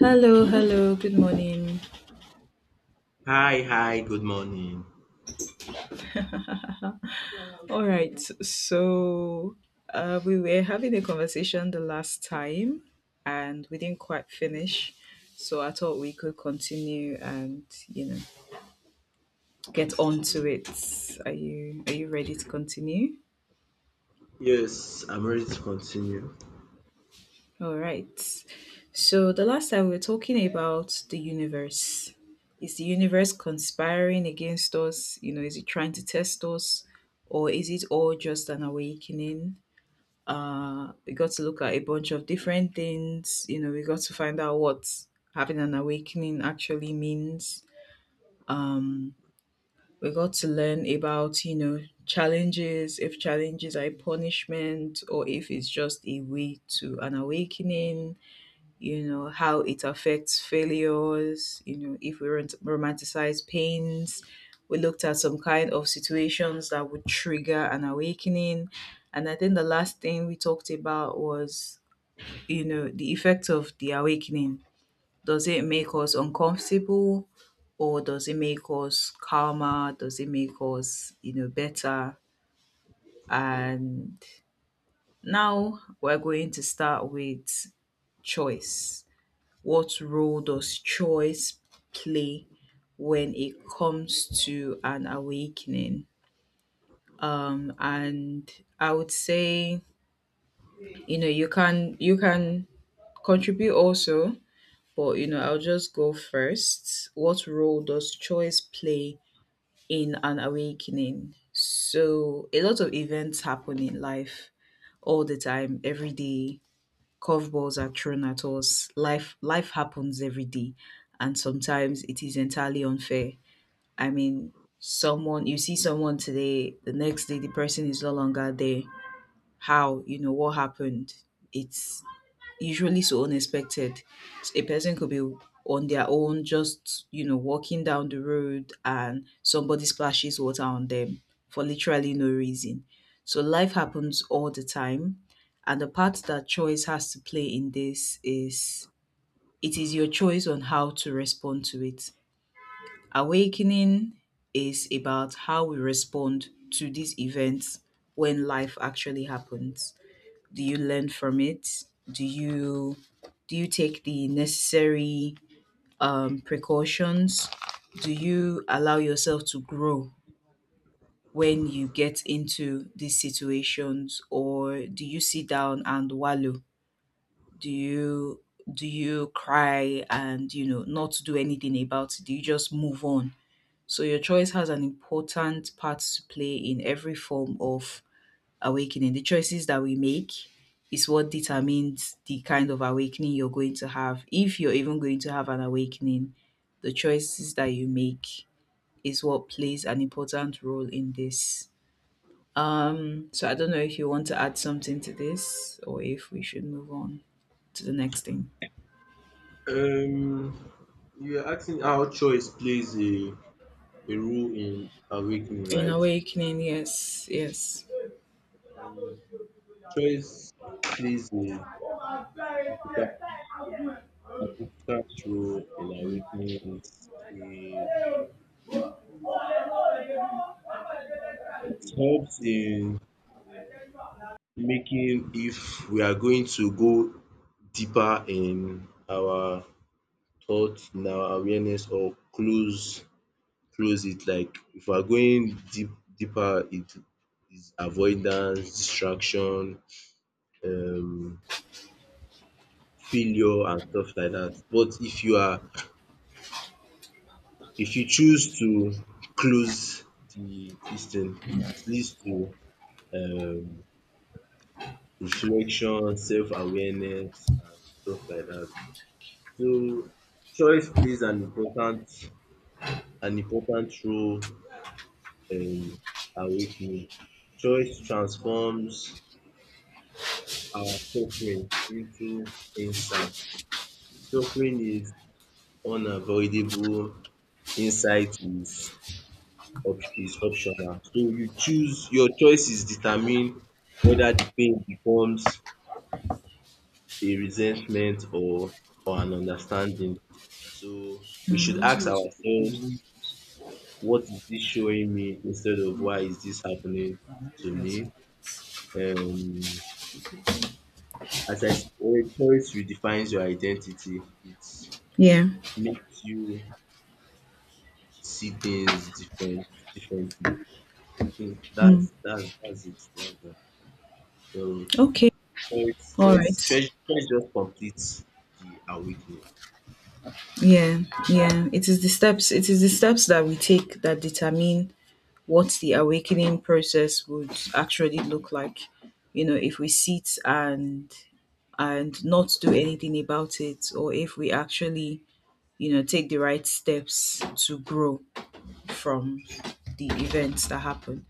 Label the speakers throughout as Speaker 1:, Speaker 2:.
Speaker 1: Hello, hello, good morning.
Speaker 2: Hi, hi, good morning.
Speaker 1: All right, so we were having a conversation the last time and we didn't quite finish. So I thought we could continue and, you know, get on to
Speaker 2: Um,
Speaker 1: it. Are you ready to continue?
Speaker 2: yes, I'm ready to continue.
Speaker 1: All right. So the last time we were talking about the universe. Is the universe conspiring against us? You know, is it trying to test us? Or is it all just an awakening? We got to look at a bunch of different things, you know, we got to find out what having an awakening actually means. um we got to learn about, you know, challenges, if challenges are a punishment or if it's just a way to an awakening. You know how it affects failures, you know, if we romanticize pains. We looked at some kind of situations that would trigger an awakening, and I think the last thing we talked about was, you know, the effect of the awakening. Does it make us uncomfortable, or does it make us calmer? Does it make us, you know, better? And now we're going to start with choice. What role does choice play when it comes to an awakening? And I would say, you know, you can contribute also. But you know, I'll just go first. What role does choice play in an awakening? So, a lot of events happen in life all the time, every day. Curveballs are thrown at us. Life happens every day, and sometimes it is entirely unfair. I mean, someone you see someone today, the next day the person is no longer there. How? You know what happened? It's usually so unexpected. A person could be on their own, just, you know, walking down the road and somebody splashes water on them for literally no reason. So life happens all the time. And the part that choice has to play in this is, it is your choice on how to respond to it. Awakening is about how we respond to these events. When life actually happens, do you learn from it? do you do you take the necessary, precautions? Do you allow yourself to grow when you get into these situations, or do you sit down and wallow? do you do you cry and, you know, not do anything about it? Do you just move on? So your choice has an important part to play in every form of awakening. The choices that we make is what determines the kind of awakening you're going to have. If you're even going to have an awakening, the choices that you make is what plays an important role in this. So I don't know if you want to add something to this or if we should move on to the next thing.
Speaker 2: Um, you are asking how choice plays a role in awakening,
Speaker 1: In
Speaker 2: right?
Speaker 1: awakening, yes, yes.
Speaker 2: Um, Choice plays a significant significant role in awakening. It helps in making if we are going to go deeper in our thoughts, in our awareness, or close it, like if we are going deeper it is avoidance, distraction, um failure and stuff like that. But if you are if you choose to close the dis thing it leads to um reflection, self awareness and stuff like that. So choice plays an important role in awakening. Choice transforms our suffering into insight. Suffering is unavoidable, insight is op is optional. So you choose, your choices determine whether the pain becomes a resentment or an understanding. So we should ask ourselves, what is this showing me instead of why is this happening to me? Um, as I said, choice redefines your identity. It
Speaker 1: Yeah.
Speaker 2: makes you see things differently. I think
Speaker 1: Mm.
Speaker 2: that's it. That's that. So
Speaker 1: Okay. All right.
Speaker 2: choice just completes the awakening.
Speaker 1: Yeah. Yeah. It is the steps that we take that determine what the awakening process would actually look like. You know, if we sit and not do anything about it, or if we actually, you know, take the right steps to grow from the events that happen.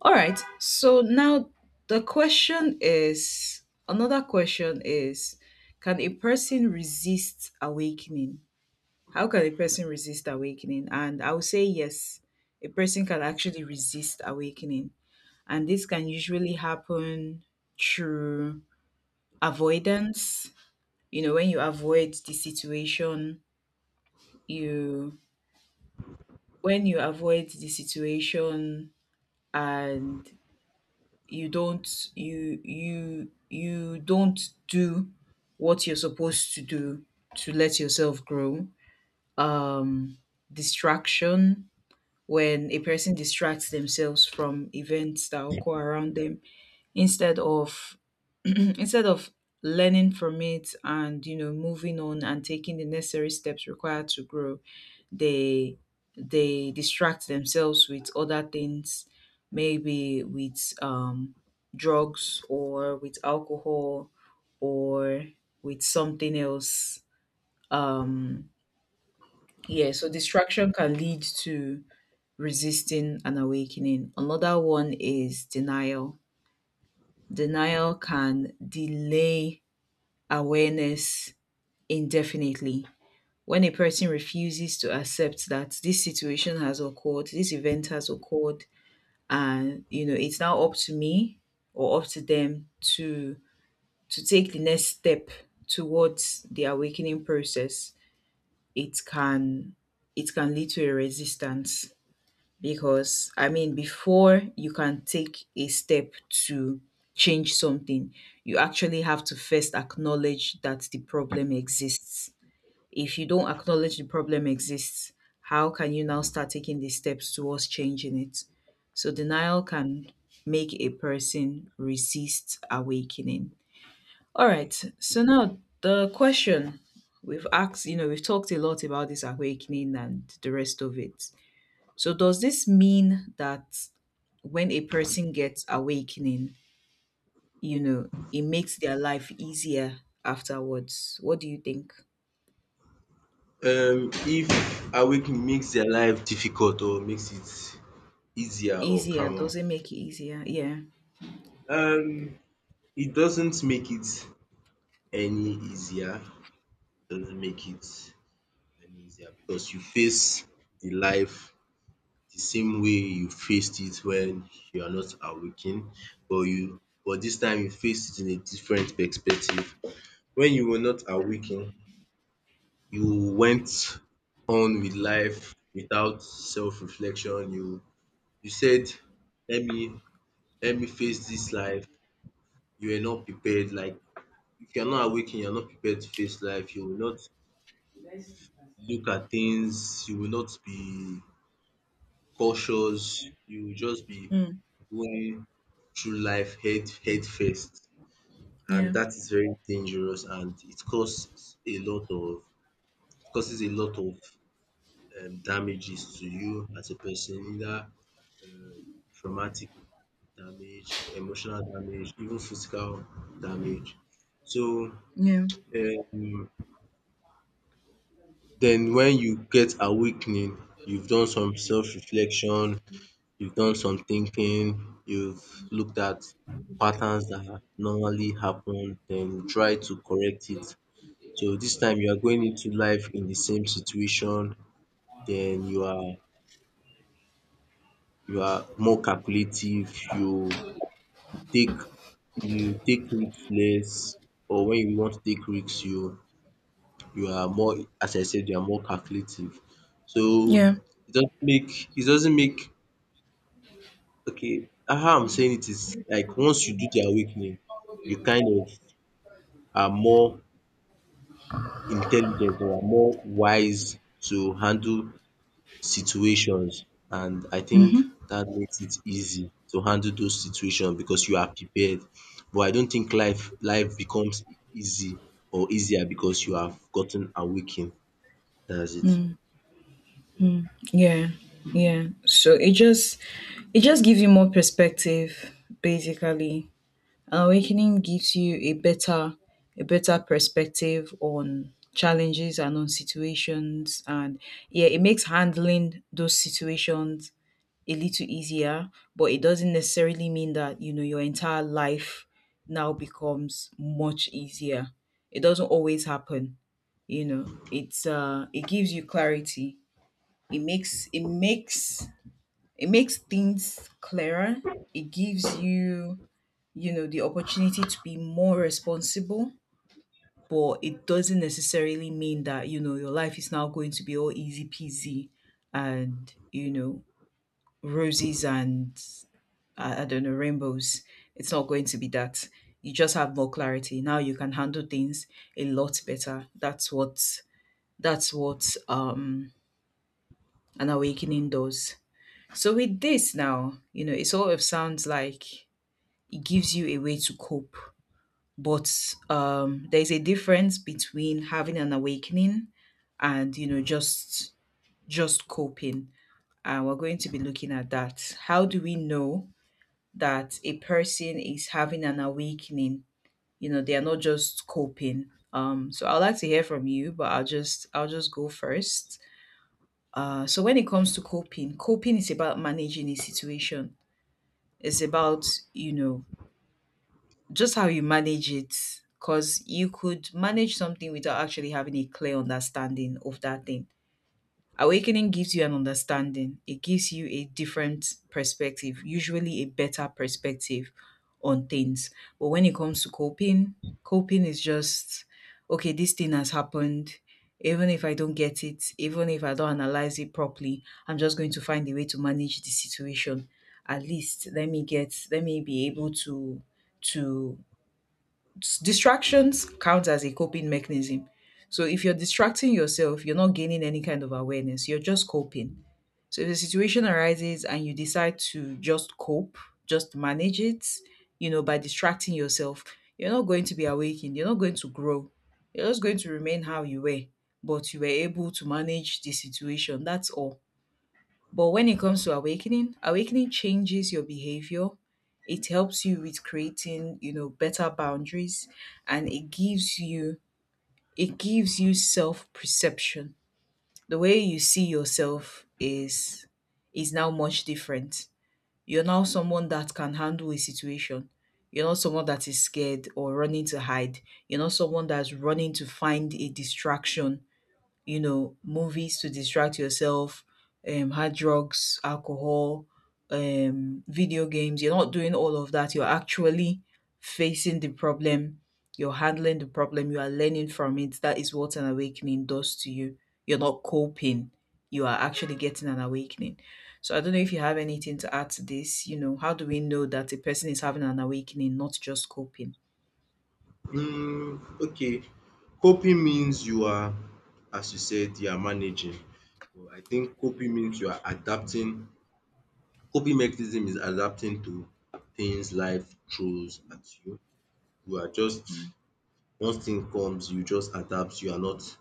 Speaker 1: All right, so now the question is, another question is, can a person resist awakening? How can a person resist awakening? And I would say yes, a person can actually resist awakening, and this can usually happen through avoidance. You know, when you avoid the situation, you, when you avoid the situation, and you don't do what you're supposed to do to let yourself grow. Um Distraction, when a person distracts themselves from events that occur around them, instead of instead of learning from it and, you know, moving on and taking the necessary steps required to grow, they they distract themselves with other things, maybe with drugs or with alcohol or with something else. um yeah, so distraction can lead to resisting and awakening. Another one is denial. Denial can delay awareness indefinitely. When a person refuses to accept that this situation has occurred, this event has occurred, and you know, it's now up to me or up to them to to take the next step towards the awakening process, it can it can lead to a resistance. Because I mean, before you can take a step to change something, you actually have to first acknowledge that the problem exists. If you don't acknowledge the problem exists, how can you now start taking the steps towards changing it? So denial can make a person resist awakening. All right. So now the question, we've asked, you know, we've talked a lot about this awakening and the rest of it. So does this mean that when a person gets awakening, you know, it makes their life easier afterwards? What do you think?
Speaker 2: If awakening makes their life difficult or makes it easier or
Speaker 1: Easier,
Speaker 2: calmer.
Speaker 1: does it make it easier? Yeah.
Speaker 2: Um it doesn't make it any easier. It doesn't make it any easier because you face the life the same way you faced it when you are not awakened, but you but this time you faced it in a different perspective. When you were not awakened, you went on with life without self-reflection. You said, "Let me Let me face this life." You are not prepared. Like if you are not awakened, you are not prepared to face life. You will not look at things. You will not be cautious. You will just be
Speaker 1: Mm.
Speaker 2: going through life head first and
Speaker 1: Yeah.
Speaker 2: that is very dangerous and it causes a lot of it causes a lot of damages to you as a person, either um, traumatic damage, emotional damage, even physical damage. So
Speaker 1: Yeah.
Speaker 2: um then when you get awakening, you've done some self reflection. You've done some thinking, you've looked at patterns that normally happen, then try to correct it. So this time you are going into life in the same situation, then you are more calculative, take you take risks less, or when you want to take risks you are more, as I said, you are more calculative. So
Speaker 1: Yeah.
Speaker 2: it doesn't make. Okay, how I'm saying it is like once you do the awakening, you kind of are more intelligent or are more wise to handle situations, and I think
Speaker 1: Mm-hmm.
Speaker 2: that makes it easy to handle those situations because you are prepared. But I don't think life becomes easy or easier because you have gotten awakened. That's it.
Speaker 1: Yeah. Yeah. So it just, it just gives you more perspective, basically. Awakening gives you a better, a better perspective on challenges and on situations, and yeah, it makes handling those situations a little easier, but it doesn't necessarily mean that, you know, your entire life now becomes much easier. It doesn't always happen. You know, it's it gives you clarity. It makes it makes things clearer. It gives you, you know, the opportunity to be more responsible, but it doesn't necessarily mean that, you know, your life is now going to be all easy peasy and, you know, roses and, I don't know, rainbows. It's not going to be that. You just have more clarity. Now you can handle things a lot better. That's what an awakening does. So with this now, you know, it sort of sounds like it gives you a way to cope, but there's a difference between having an awakening and, you know, just coping. And we're going to be looking at that. How do we know that a person is having an awakening, you know, they are not just coping? So I'd like to hear from you, but I'll just go first. So when it comes to coping is about managing a situation. It's about, you know, just how you manage it, because you could manage something without actually having a clear understanding of that thing. Awakening gives you an understanding, it gives you a different perspective, usually a better perspective on things. But when it comes to coping, coping is just, okay, this thing has happened, even if I don't get it, even if I don't analyze it properly, I'm just going to find a way to manage the situation. At least let me get, let me be able to distractions count as a coping mechanism. So if you're distracting yourself, you're not gaining any kind of awareness. You're just coping. So if the situation arises and you decide to just cope, just manage it, you know, by distracting yourself, you're not going to be awakened. You're not going to grow. You're just going to remain how you were, but you were able to manage the situation. That's all. But when it comes to awakening, awakening changes your behavior. It helps you with creating, you know, better boundaries, and it gives you self-perception. The way you see yourself is now much different. You're now someone that can handle a situation. You're not someone that is scared or running to hide. You're not someone that's running to find a distraction, you know, movies to distract yourself, hard drugs, alcohol, video games. You're not doing all of that. You're actually facing the problem. You're handling the problem. You are learning from it. That is what an awakening does to you. You're not coping. You are actually getting an awakening. So I don't know if you have anything to add to this. You know, how do we know that a person is having an awakening, not just coping?
Speaker 2: Mm, okay. Coping means you are, as you said, you are managing. So I think coping means you are adapting. Coping mechanism is adapting to things life throws at you. You are just
Speaker 1: Mm.
Speaker 2: once thing comes, you just adapt. You are not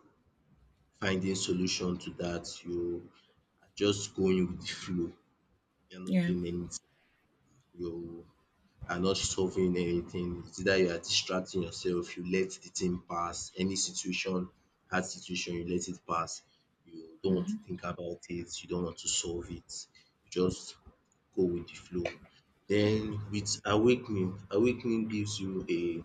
Speaker 2: finding solution to that. You are just going with the flow. You are not
Speaker 1: Yeah.
Speaker 2: doing anything. You are not solving anything. It's either you are distracting yourself, you let the thing pass. Any situation, hard situation, you let it pass. You don't want to
Speaker 1: Hmm.
Speaker 2: think about it, you don't want to solve it. You just go with the flow. Then with awakening, awakening gives you a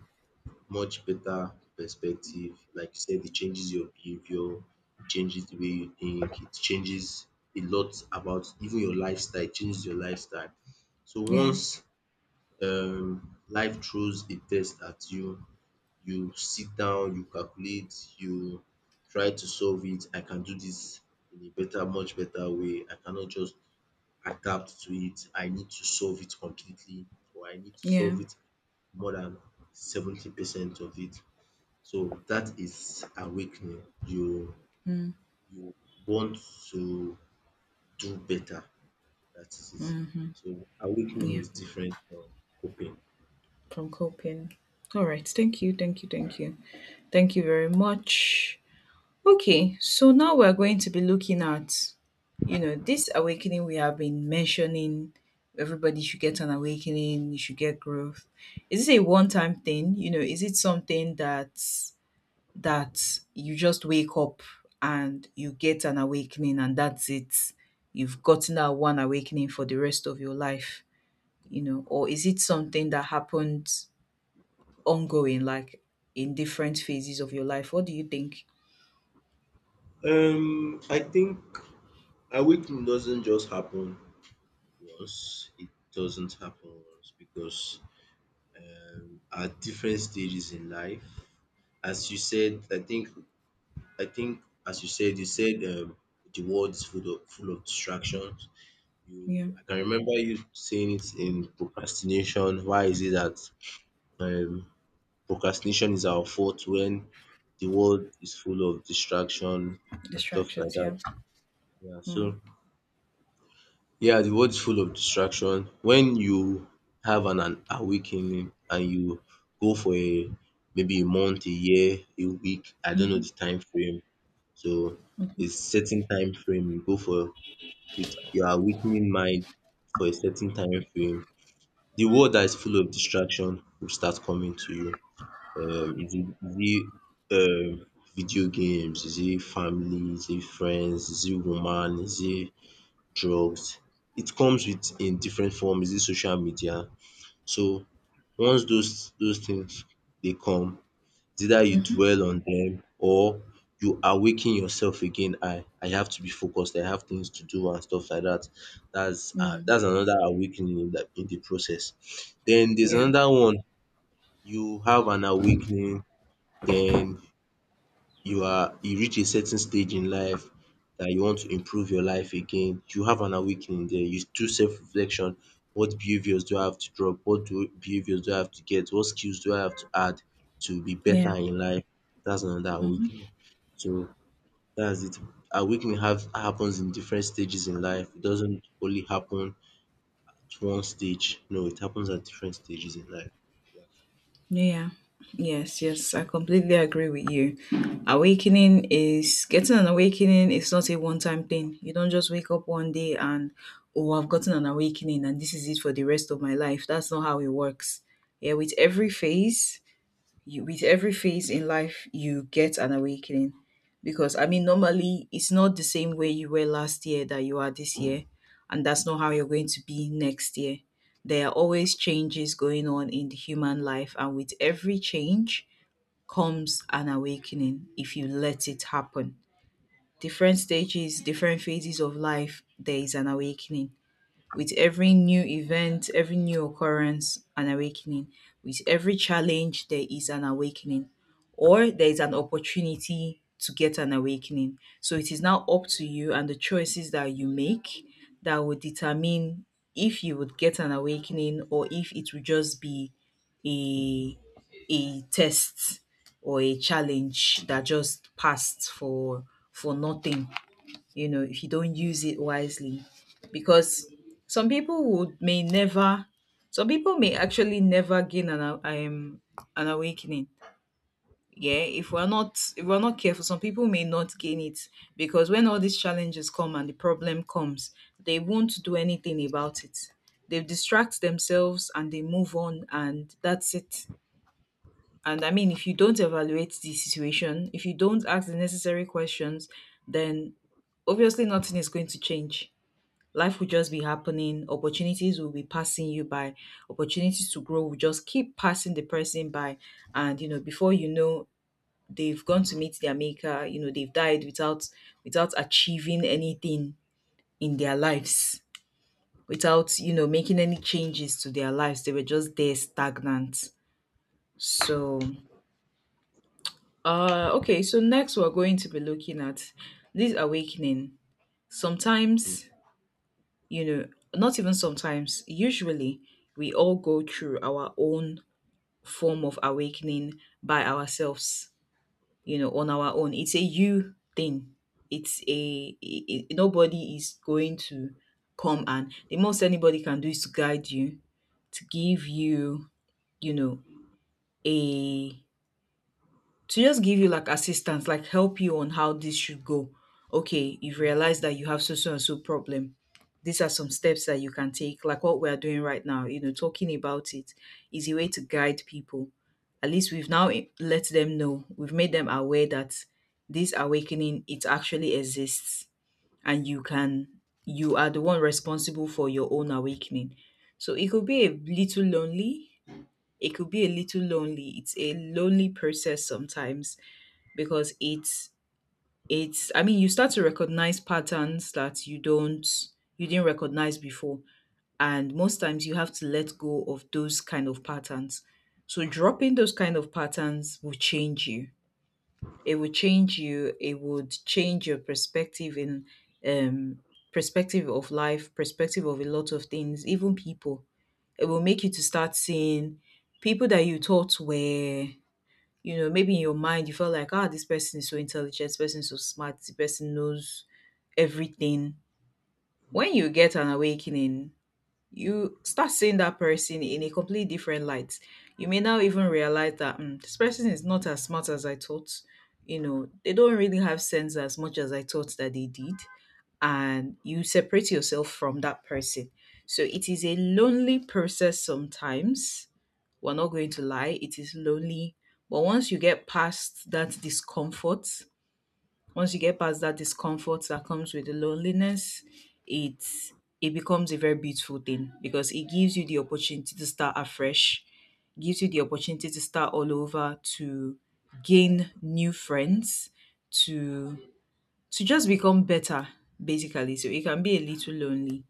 Speaker 2: much better perspective. Like you said, it changes your behavior, it changes the way you think, it changes a lot about even your lifestyle, it changes your lifestyle. So
Speaker 1: Yeah.
Speaker 2: once life throws a test at you. You sit down, you calculate, you try to solve it. I can do this in a much better way. I cannot just adapt to it. I need to solve it completely, or I need to
Speaker 1: Yeah.
Speaker 2: solve it more than 70% of it. So that is awakening. You want to do better. That is it.
Speaker 1: Mm-hmm.
Speaker 2: So awakening
Speaker 1: Yeah.
Speaker 2: is different from coping.
Speaker 1: From coping. All right. Thank you. Thank you. Thank you. Thank you very much. Okay. So now we're going to be looking at, you know, this awakening we have been mentioning. Everybody should get an awakening. You should get growth. Is this a one-time thing? You know, is it something that that you just wake up and you get an awakening and that's it? You've gotten that one awakening for the rest of your life, you know, or is it something that happened ongoing, like in different phases of your life? What do you think?
Speaker 2: I think awakening doesn't just happen once. It doesn't happen once because at different stages in life, as you said, I think, as you said the world is full of distractions.
Speaker 1: Yeah,
Speaker 2: You, I can remember you saying it in procrastination. Why is it that um, procrastination is our fault when the world is full of distraction and stuff like
Speaker 1: distractions. Yeah.
Speaker 2: that? Yeah,
Speaker 1: Mm.
Speaker 2: yeah, the world's full of distraction. When you have an awakening and you go for a maybe a month, a year, a week, I don't know
Speaker 1: Mhm.
Speaker 2: the time frame. So a certain time frame you go for with your awakening mind for a certain time frame. The world that is full of distraction will start coming to you. Is it um, video games? Is it family? Is it friends? Is it woman? Is it drugs? It comes with in different form. Is it social media? So once those things dey come, it's either you dwell on them or you awaken yourself again. I have to be focused. I have things to do and stuff like that.
Speaker 1: Mm.
Speaker 2: That's another awakening in the process. Then there's
Speaker 1: Yeah.
Speaker 2: another one, you have an awakening, then you reach a certain stage in life that you want to improve your life again, you have an awakening there. You do self-reflection. What behaviors do I have to drop? What do behaviors do I have to get? What skills do I have to add to be
Speaker 1: Yeah.
Speaker 2: better in life? That's another
Speaker 1: Hmm.
Speaker 2: awakening. So that's it. Awakening have happens in different stages in life. It doesn't only happen at one stage. No, it happens at different stages in life.
Speaker 1: Yeah. Yes, yes, I completely agree with you. Awakening is, getting an awakening is not a one time thing. You don't just wake up one day and, oh, I've gotten an awakening and this is it for the rest of my life. That's not how it works. Yeah, with every phase, you with every phase in life you get an awakening because I mean normally it's not the same way you were last year that you are this year, and that's not how you're going to be next year. There are always changes going on in the human life, and with every change comes an awakening if you let it happen. Different stages, different phases of life, there is an awakening. With every new event, every new occurrence, an awakening. With every challenge, there is an awakening, or there is an opportunity to get an awakening. So it is now up to you and the choices that you make that will determine if you would get an awakening or if it would just be a a test or a challenge that just passed for nothing, you know, if you don't use it wisely. Because some people would may never, some people may actually never gain an an awakening. Yeah, if we're not careful, some people may not gain it because when all these challenges come and the problem comes, they won't do anything about it. They distract themselves and they move on, and that's it. And I mean, if you don't evaluate the situation, if you don't ask the necessary questions, then obviously nothing is going to change. Life will just be happening, opportunities will be passing you by, opportunities to grow will just keep passing the person by. And you know, before you know, they've gone to meet their maker, you know, they've died without achieving anything in their lives, without, you know, making any changes to their lives. They were just there stagnant. So okay, so next we're going to be looking at this awakening.
Speaker 2: Yeah.
Speaker 1: Sometimes, you know, not even sometimes, usually, we all go through our own form of awakening by ourselves, you know, on our own. It's a you thing. It's a nobody is going to come, and the most anybody can do is to guide you, to give you, you know, a to just give you like assistance, like help you on how this should go. Okay, you've realized that you have so so and so problem. These are some steps that you can take, like what we are doing right now. You know, talking about it is a way to guide people. At least we've now let them know, we've made them aware that this awakening, it actually exists, and you are the one responsible for your own awakening. So it could be a little lonely. It could be a little lonely. It's a lonely process sometimes because it's I mean you start to recognize patterns that you didn't recognize before, and most times you have to let go of those kind of patterns. So dropping those kind of patterns will change you. It will change you it would change your perspective in um perspective of life, perspective of a lot of things, even people. It will make you to start seeing people that you thought were, you know, maybe in your mind you felt like, ah, this person is so intelligent, this person is so smart, this person knows everything. When you get an awakening, you start seeing that person in a completely different light. You may now even realize that, "Hmm, this person is not as smart as I thought, you know, they don't really have sense as much as I thought that they did." And you separate yourself from that person. So it is a lonely process sometimes, we're not going to lie, it is lonely. But once you get past that discomfort, once you get past that discomfort that comes with the loneliness, it it becomes a very beautiful thing because it gives you the opportunity to start afresh, gives you the opportunity to start all over, to gain new friends, to to just become better, basically. So it can be a little lonely.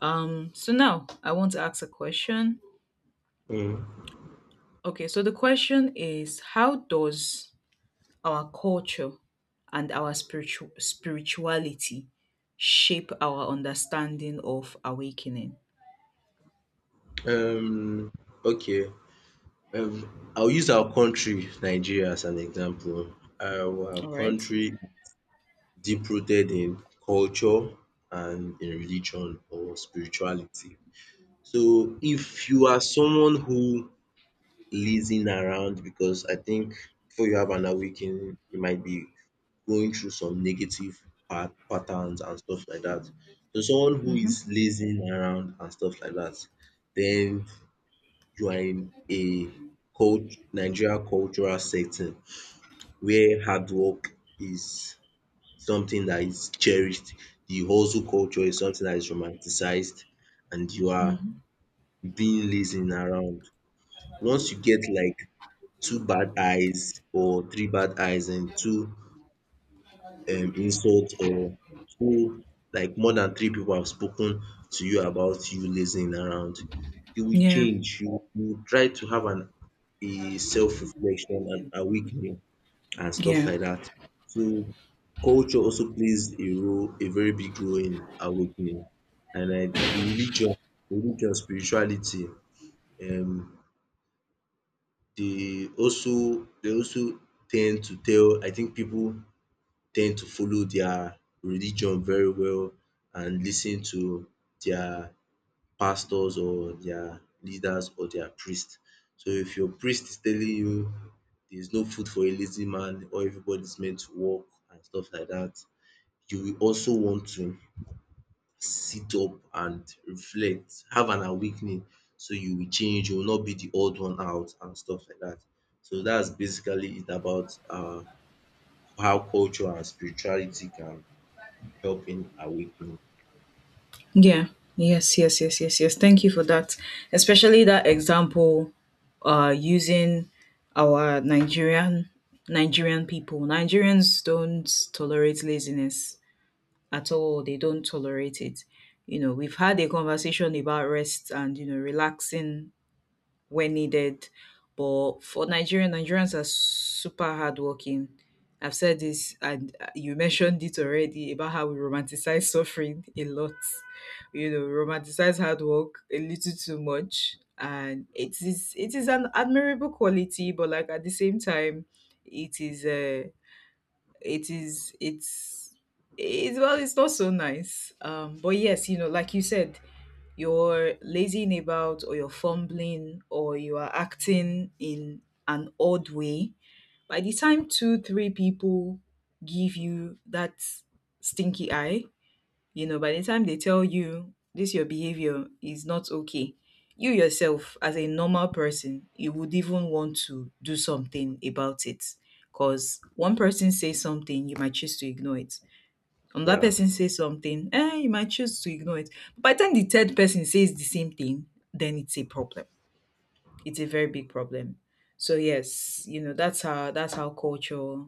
Speaker 1: So now I want to ask a question.
Speaker 2: Mm.
Speaker 1: Okay, so the question is, how does our culture and our spirituality shape our understanding of awakening?
Speaker 2: Mm. Um, okay. I'll use our country, Nigeria, as an example. Our
Speaker 1: All right.
Speaker 2: country deep rooted in culture and in religion or spirituality. So
Speaker 1: Mm.
Speaker 2: if you are someone who lazing around, because I think before you have an awakening, you might be going through some negative patterns and stuff like that. So someone who is lazing around and stuff like that, then you are in a cult Nigeria cultural setting where hard work is something that is cherished. The hustle culture is something that is romanticized and you are
Speaker 1: Mhm.
Speaker 2: being lazing around. Once you get like two bad eyes or three bad eyes and two insult or two like more than three people have spoken to you about you lazing around, you will
Speaker 1: Yeah.
Speaker 2: change. You try to have an a self-reflection and awakening and stuff
Speaker 1: Yeah.
Speaker 2: like that. So culture also plays a role, a very big role in awakening. And I, religion, religion, spirituality, um, they also tend to tell, I think people tend to follow their religion very well and listen to their pastors or their leaders or their priest. So if your priest is telling you there is no food for a lazy man or everybody is meant to work and stuff like that, you will also want to sit up and reflect, have an awakening, so you will change, you will not be the odd one out and stuff like that. So that's basically it about how culture and spirituality can helping awaken.
Speaker 1: Yeah. Yes, yes, yes, yes, yes. Thank you for that. Especially that example, using our Nigerian people. Nigerians don't tolerate laziness at all. They don't tolerate it. You know, we've had a conversation about rest and, you know, relaxing when needed. But for Nigerians are super hardworking. I've said this, and you mentioned it already about how we romanticize suffering a lot. You know, romanticize hard work a little too much, and it is an admirable quality, but like at the same time, it is it is it's it's not so nice, but yes, you know, like you said, you're lazying about or you're fumbling or you are acting in an odd way. By the time two three people give you that stinky eye, you know, by the time they tell you this your behavior is not okay, you yourself as a normal person, you would even want to do something about it. Cause one person says something, you might choose to ignore it. Another
Speaker 2: Yeah.
Speaker 1: person says something, eh, you might choose to ignore it. By the time the third person says the same thing, then it's a problem. It's a very big problem. So yes, you know, that's how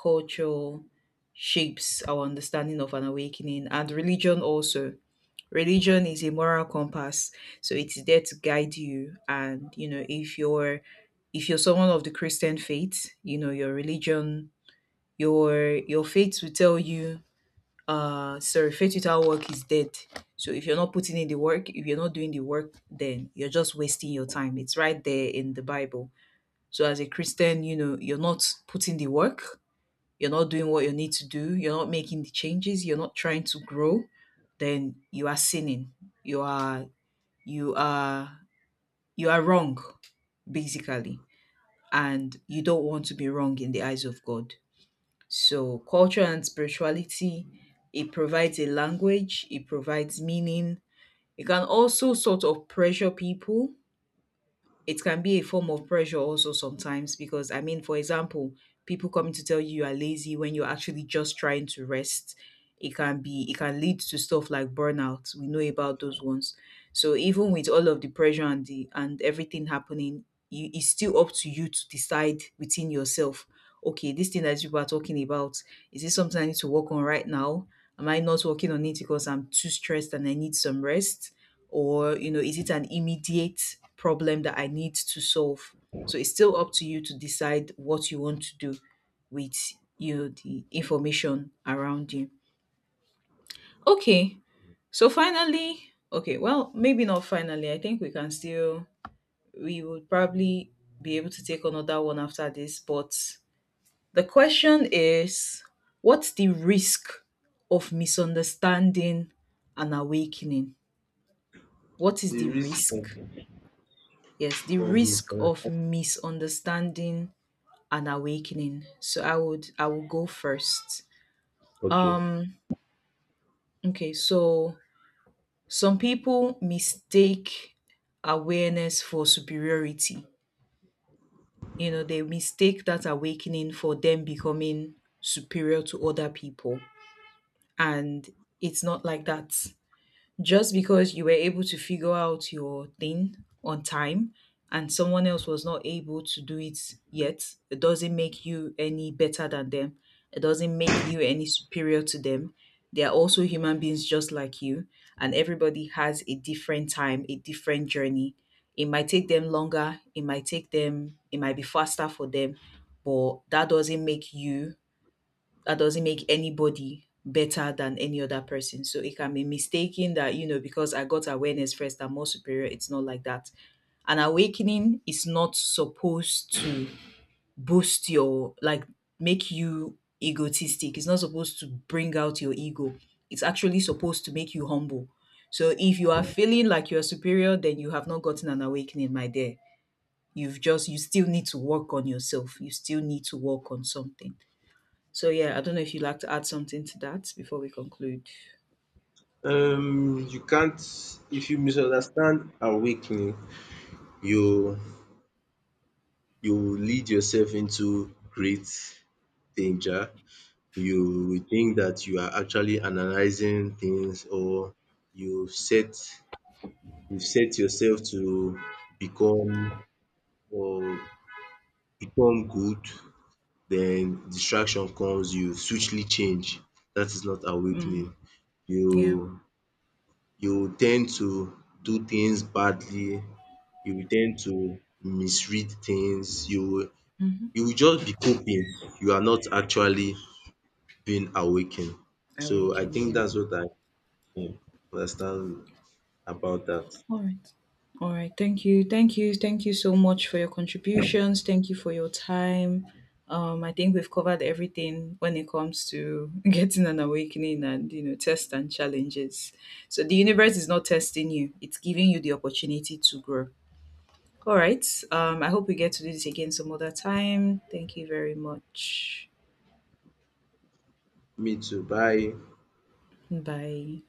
Speaker 1: culture shapes our understanding of an awakening. And religion also, religion is a moral compass, so it's there to guide you. And you know, if you're someone of the Christian faith, you know, your religion, your faith will tell you, sorry, faith without work is dead. So if you're not putting in the work, if you're not doing the work, then you're just wasting your time. It's right there in the Bible. So as a Christian, you know, you're not putting the work, you're not doing what you need to do, you're not making the changes, you're not trying to grow, then you are sinning, you are you are you are wrong, basically, and you don't want to be wrong in the eyes of God. So culture and spirituality, it provides a language, it provides meaning. It can also sort of pressure people. It can be a form of pressure also sometimes because I mean, for example, people coming to tell you you are lazy when you're actually just trying to rest. It can lead to stuff like burnout. We know about those ones. So even with all of the pressure and the and everything happening, you, it's still up to you to decide within yourself. Okay, this thing that you are talking about, is this something I need to work on right now? Am I not working on it because I'm too stressed and I need some rest? Or, you know, is it an immediate problem that I need to solve? So it's still up to you to decide what you want to do with, you know, the information around you. Okay, so finally, okay, well, maybe not finally, I think we can still, we would probably be able to take another one after this. But the question is, what's the risk of misunderstanding and awakening? What is
Speaker 2: The
Speaker 1: the
Speaker 2: risk
Speaker 1: risk? Yes, the
Speaker 2: of
Speaker 1: risk of
Speaker 2: misunderstanding.
Speaker 1: misunderstanding and awakening. So I would go first.
Speaker 2: Okay.
Speaker 1: Um okay, so some people mistake awareness for superiority. You know, they mistake that awakening for them becoming superior to other people, and it's not like that. Just because you were able to figure out your thing on time and someone else was not able to do it yet, it doesn't make you any better than them. It doesn't make you any superior to them. They are also human beings just like you, and everybody has a different time, a different journey. It might take them longer, it might be faster for them, but that doesn't make anybody better than any other person. So it can be mistaken that, you know, because I got awareness first, I'm more superior. It's not like that. An awakening is not supposed to boost your, like, make you egotistic. It's not supposed to bring out your ego. It's actually supposed to make you humble. So if you are feeling like you are superior, then you have not gotten an awakening, my dear. You still need to work on yourself. You still need to work on something. So yeah, I don't know if you'd like to add something to that before we conclude.
Speaker 2: You can't if you misunderstand awakening, you you lead yourself into great danger. You will think that you are actually analyzing things, or you set you set yourself to become or become good. Then distraction comes, you swiftly change. That is not awakening.
Speaker 1: Mm,
Speaker 2: You
Speaker 1: yeah,
Speaker 2: you tend to do things badly, you will tend to misread things, you will just be coping. You are not actually being awakened.
Speaker 1: I
Speaker 2: So I
Speaker 1: weekend,
Speaker 2: think
Speaker 1: yeah.
Speaker 2: that's what I um understand about that.
Speaker 1: All right. All right. Thank you. Thank you. Thank you so much for your contributions. Thank you for your time. I think we've covered everything when it comes to getting an awakening, and you know, tests and challenges. So the universe is not testing you; it's giving you the opportunity to grow. All right. I hope we get to do this again some other time. Thank you very much.
Speaker 2: Me too. Bye.
Speaker 1: Bye.